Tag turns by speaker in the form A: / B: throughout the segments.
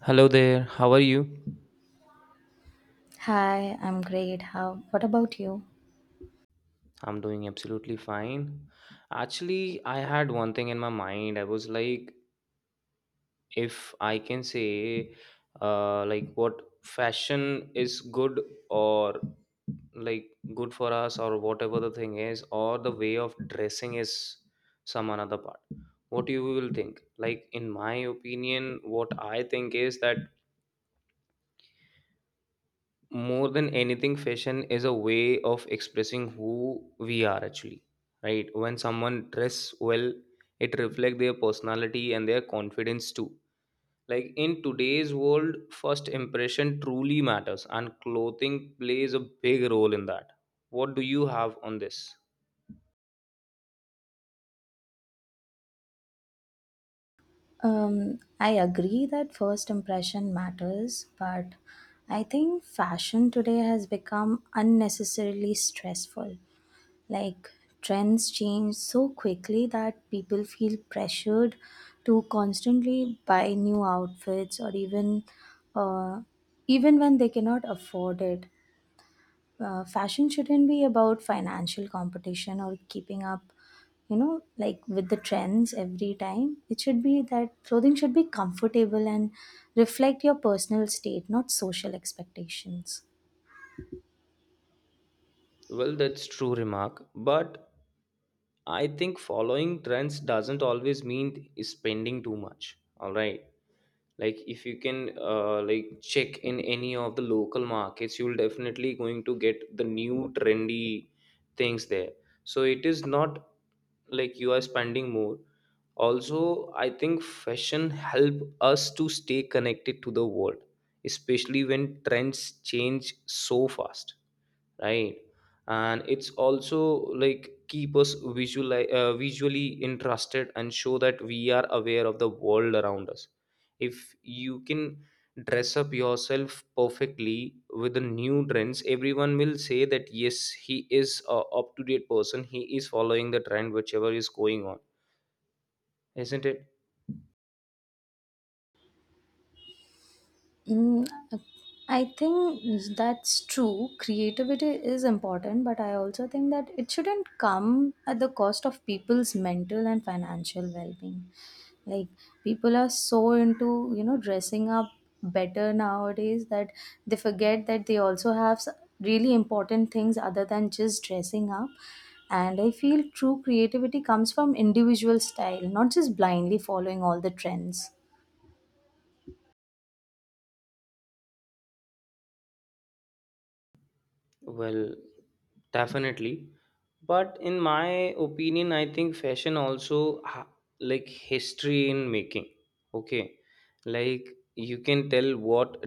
A: Hello there, how are you?
B: Hi, I'm great. How? What about you?
A: I'm doing absolutely fine. Actually, I had one thing in my mind. I was like, if I can say, like what fashion is good or like good for us, or whatever the thing is, or the way of dressing is some another part. What you will think? Like in my opinion, what I think is that more than anything, fashion is a way of expressing who we are actually, right? When someone dress well, it reflects their personality and their confidence too. Like in today's world, first impression truly matters and clothing plays a big role in that. What do you have on this?
B: I agree that first impression matters, but I think fashion today has become unnecessarily stressful. Like trends change so quickly that people feel pressured to constantly buy new outfits or uh, even when they cannot afford it. Fashion shouldn't be about financial competition or keeping up like with the trends every time. It should be that clothing should be comfortable and reflect your personal state, not social expectations.
A: Well, that's true remark, but I think following trends doesn't always mean spending too much, all right? Like if you can like check in any of the local markets, you'll definitely going to get the new trendy things there. So it is not like you are spending more. Also I think fashion help us to stay connected to the world, especially when trends change so fast, right? And it's also like keep us visually visually interested and show that we are aware of the world around us. If you can dress up yourself perfectly with the new trends, everyone will say that yes, he is a up to date person, he is following the trend whichever is going on, isn't it?
B: mm, I think that's true, creativity is important, but I also think that it shouldn't come at the cost of people's mental and financial well-being. Like, people are so into dressing up better nowadays that they forget that they also have really important things other than just dressing up. And I feel true creativity comes from individual style, not just blindly following all the trends.
A: Well, definitely. But in my opinion, I think fashion also like history in making. Okay. Like you can tell what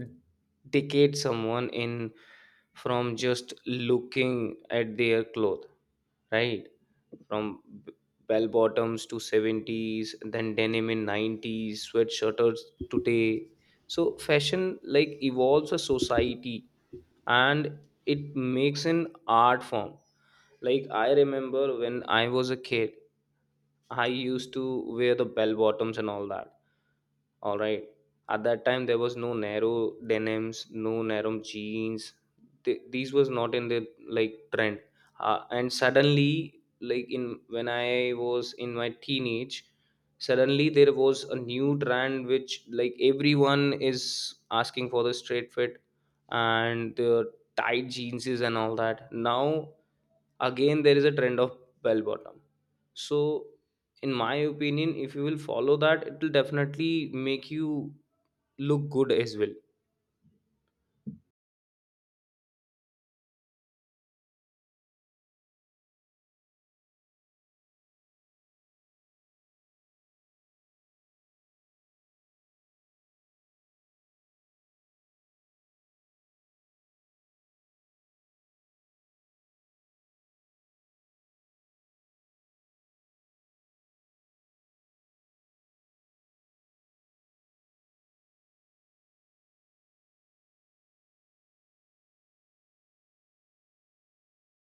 A: decade someone in from just looking at their cloth, right? From b- bell bottoms to 70s, then denim in 90s, sweatshirts today. So fashion like evolves a society and it makes an art form. Like I remember when I was a kid, I used to wear the bell bottoms and all that, all right? At that time there was no narrow denims, no narrow jeans. These was not in the like trend. And suddenly, like in when I was in my teenage, suddenly there was a new trend which like everyone is asking for the straight fit and the tight jeans and all that. Now again there is a trend of bell bottom. So in my opinion, if you will follow that, it will definitely make you look good as well.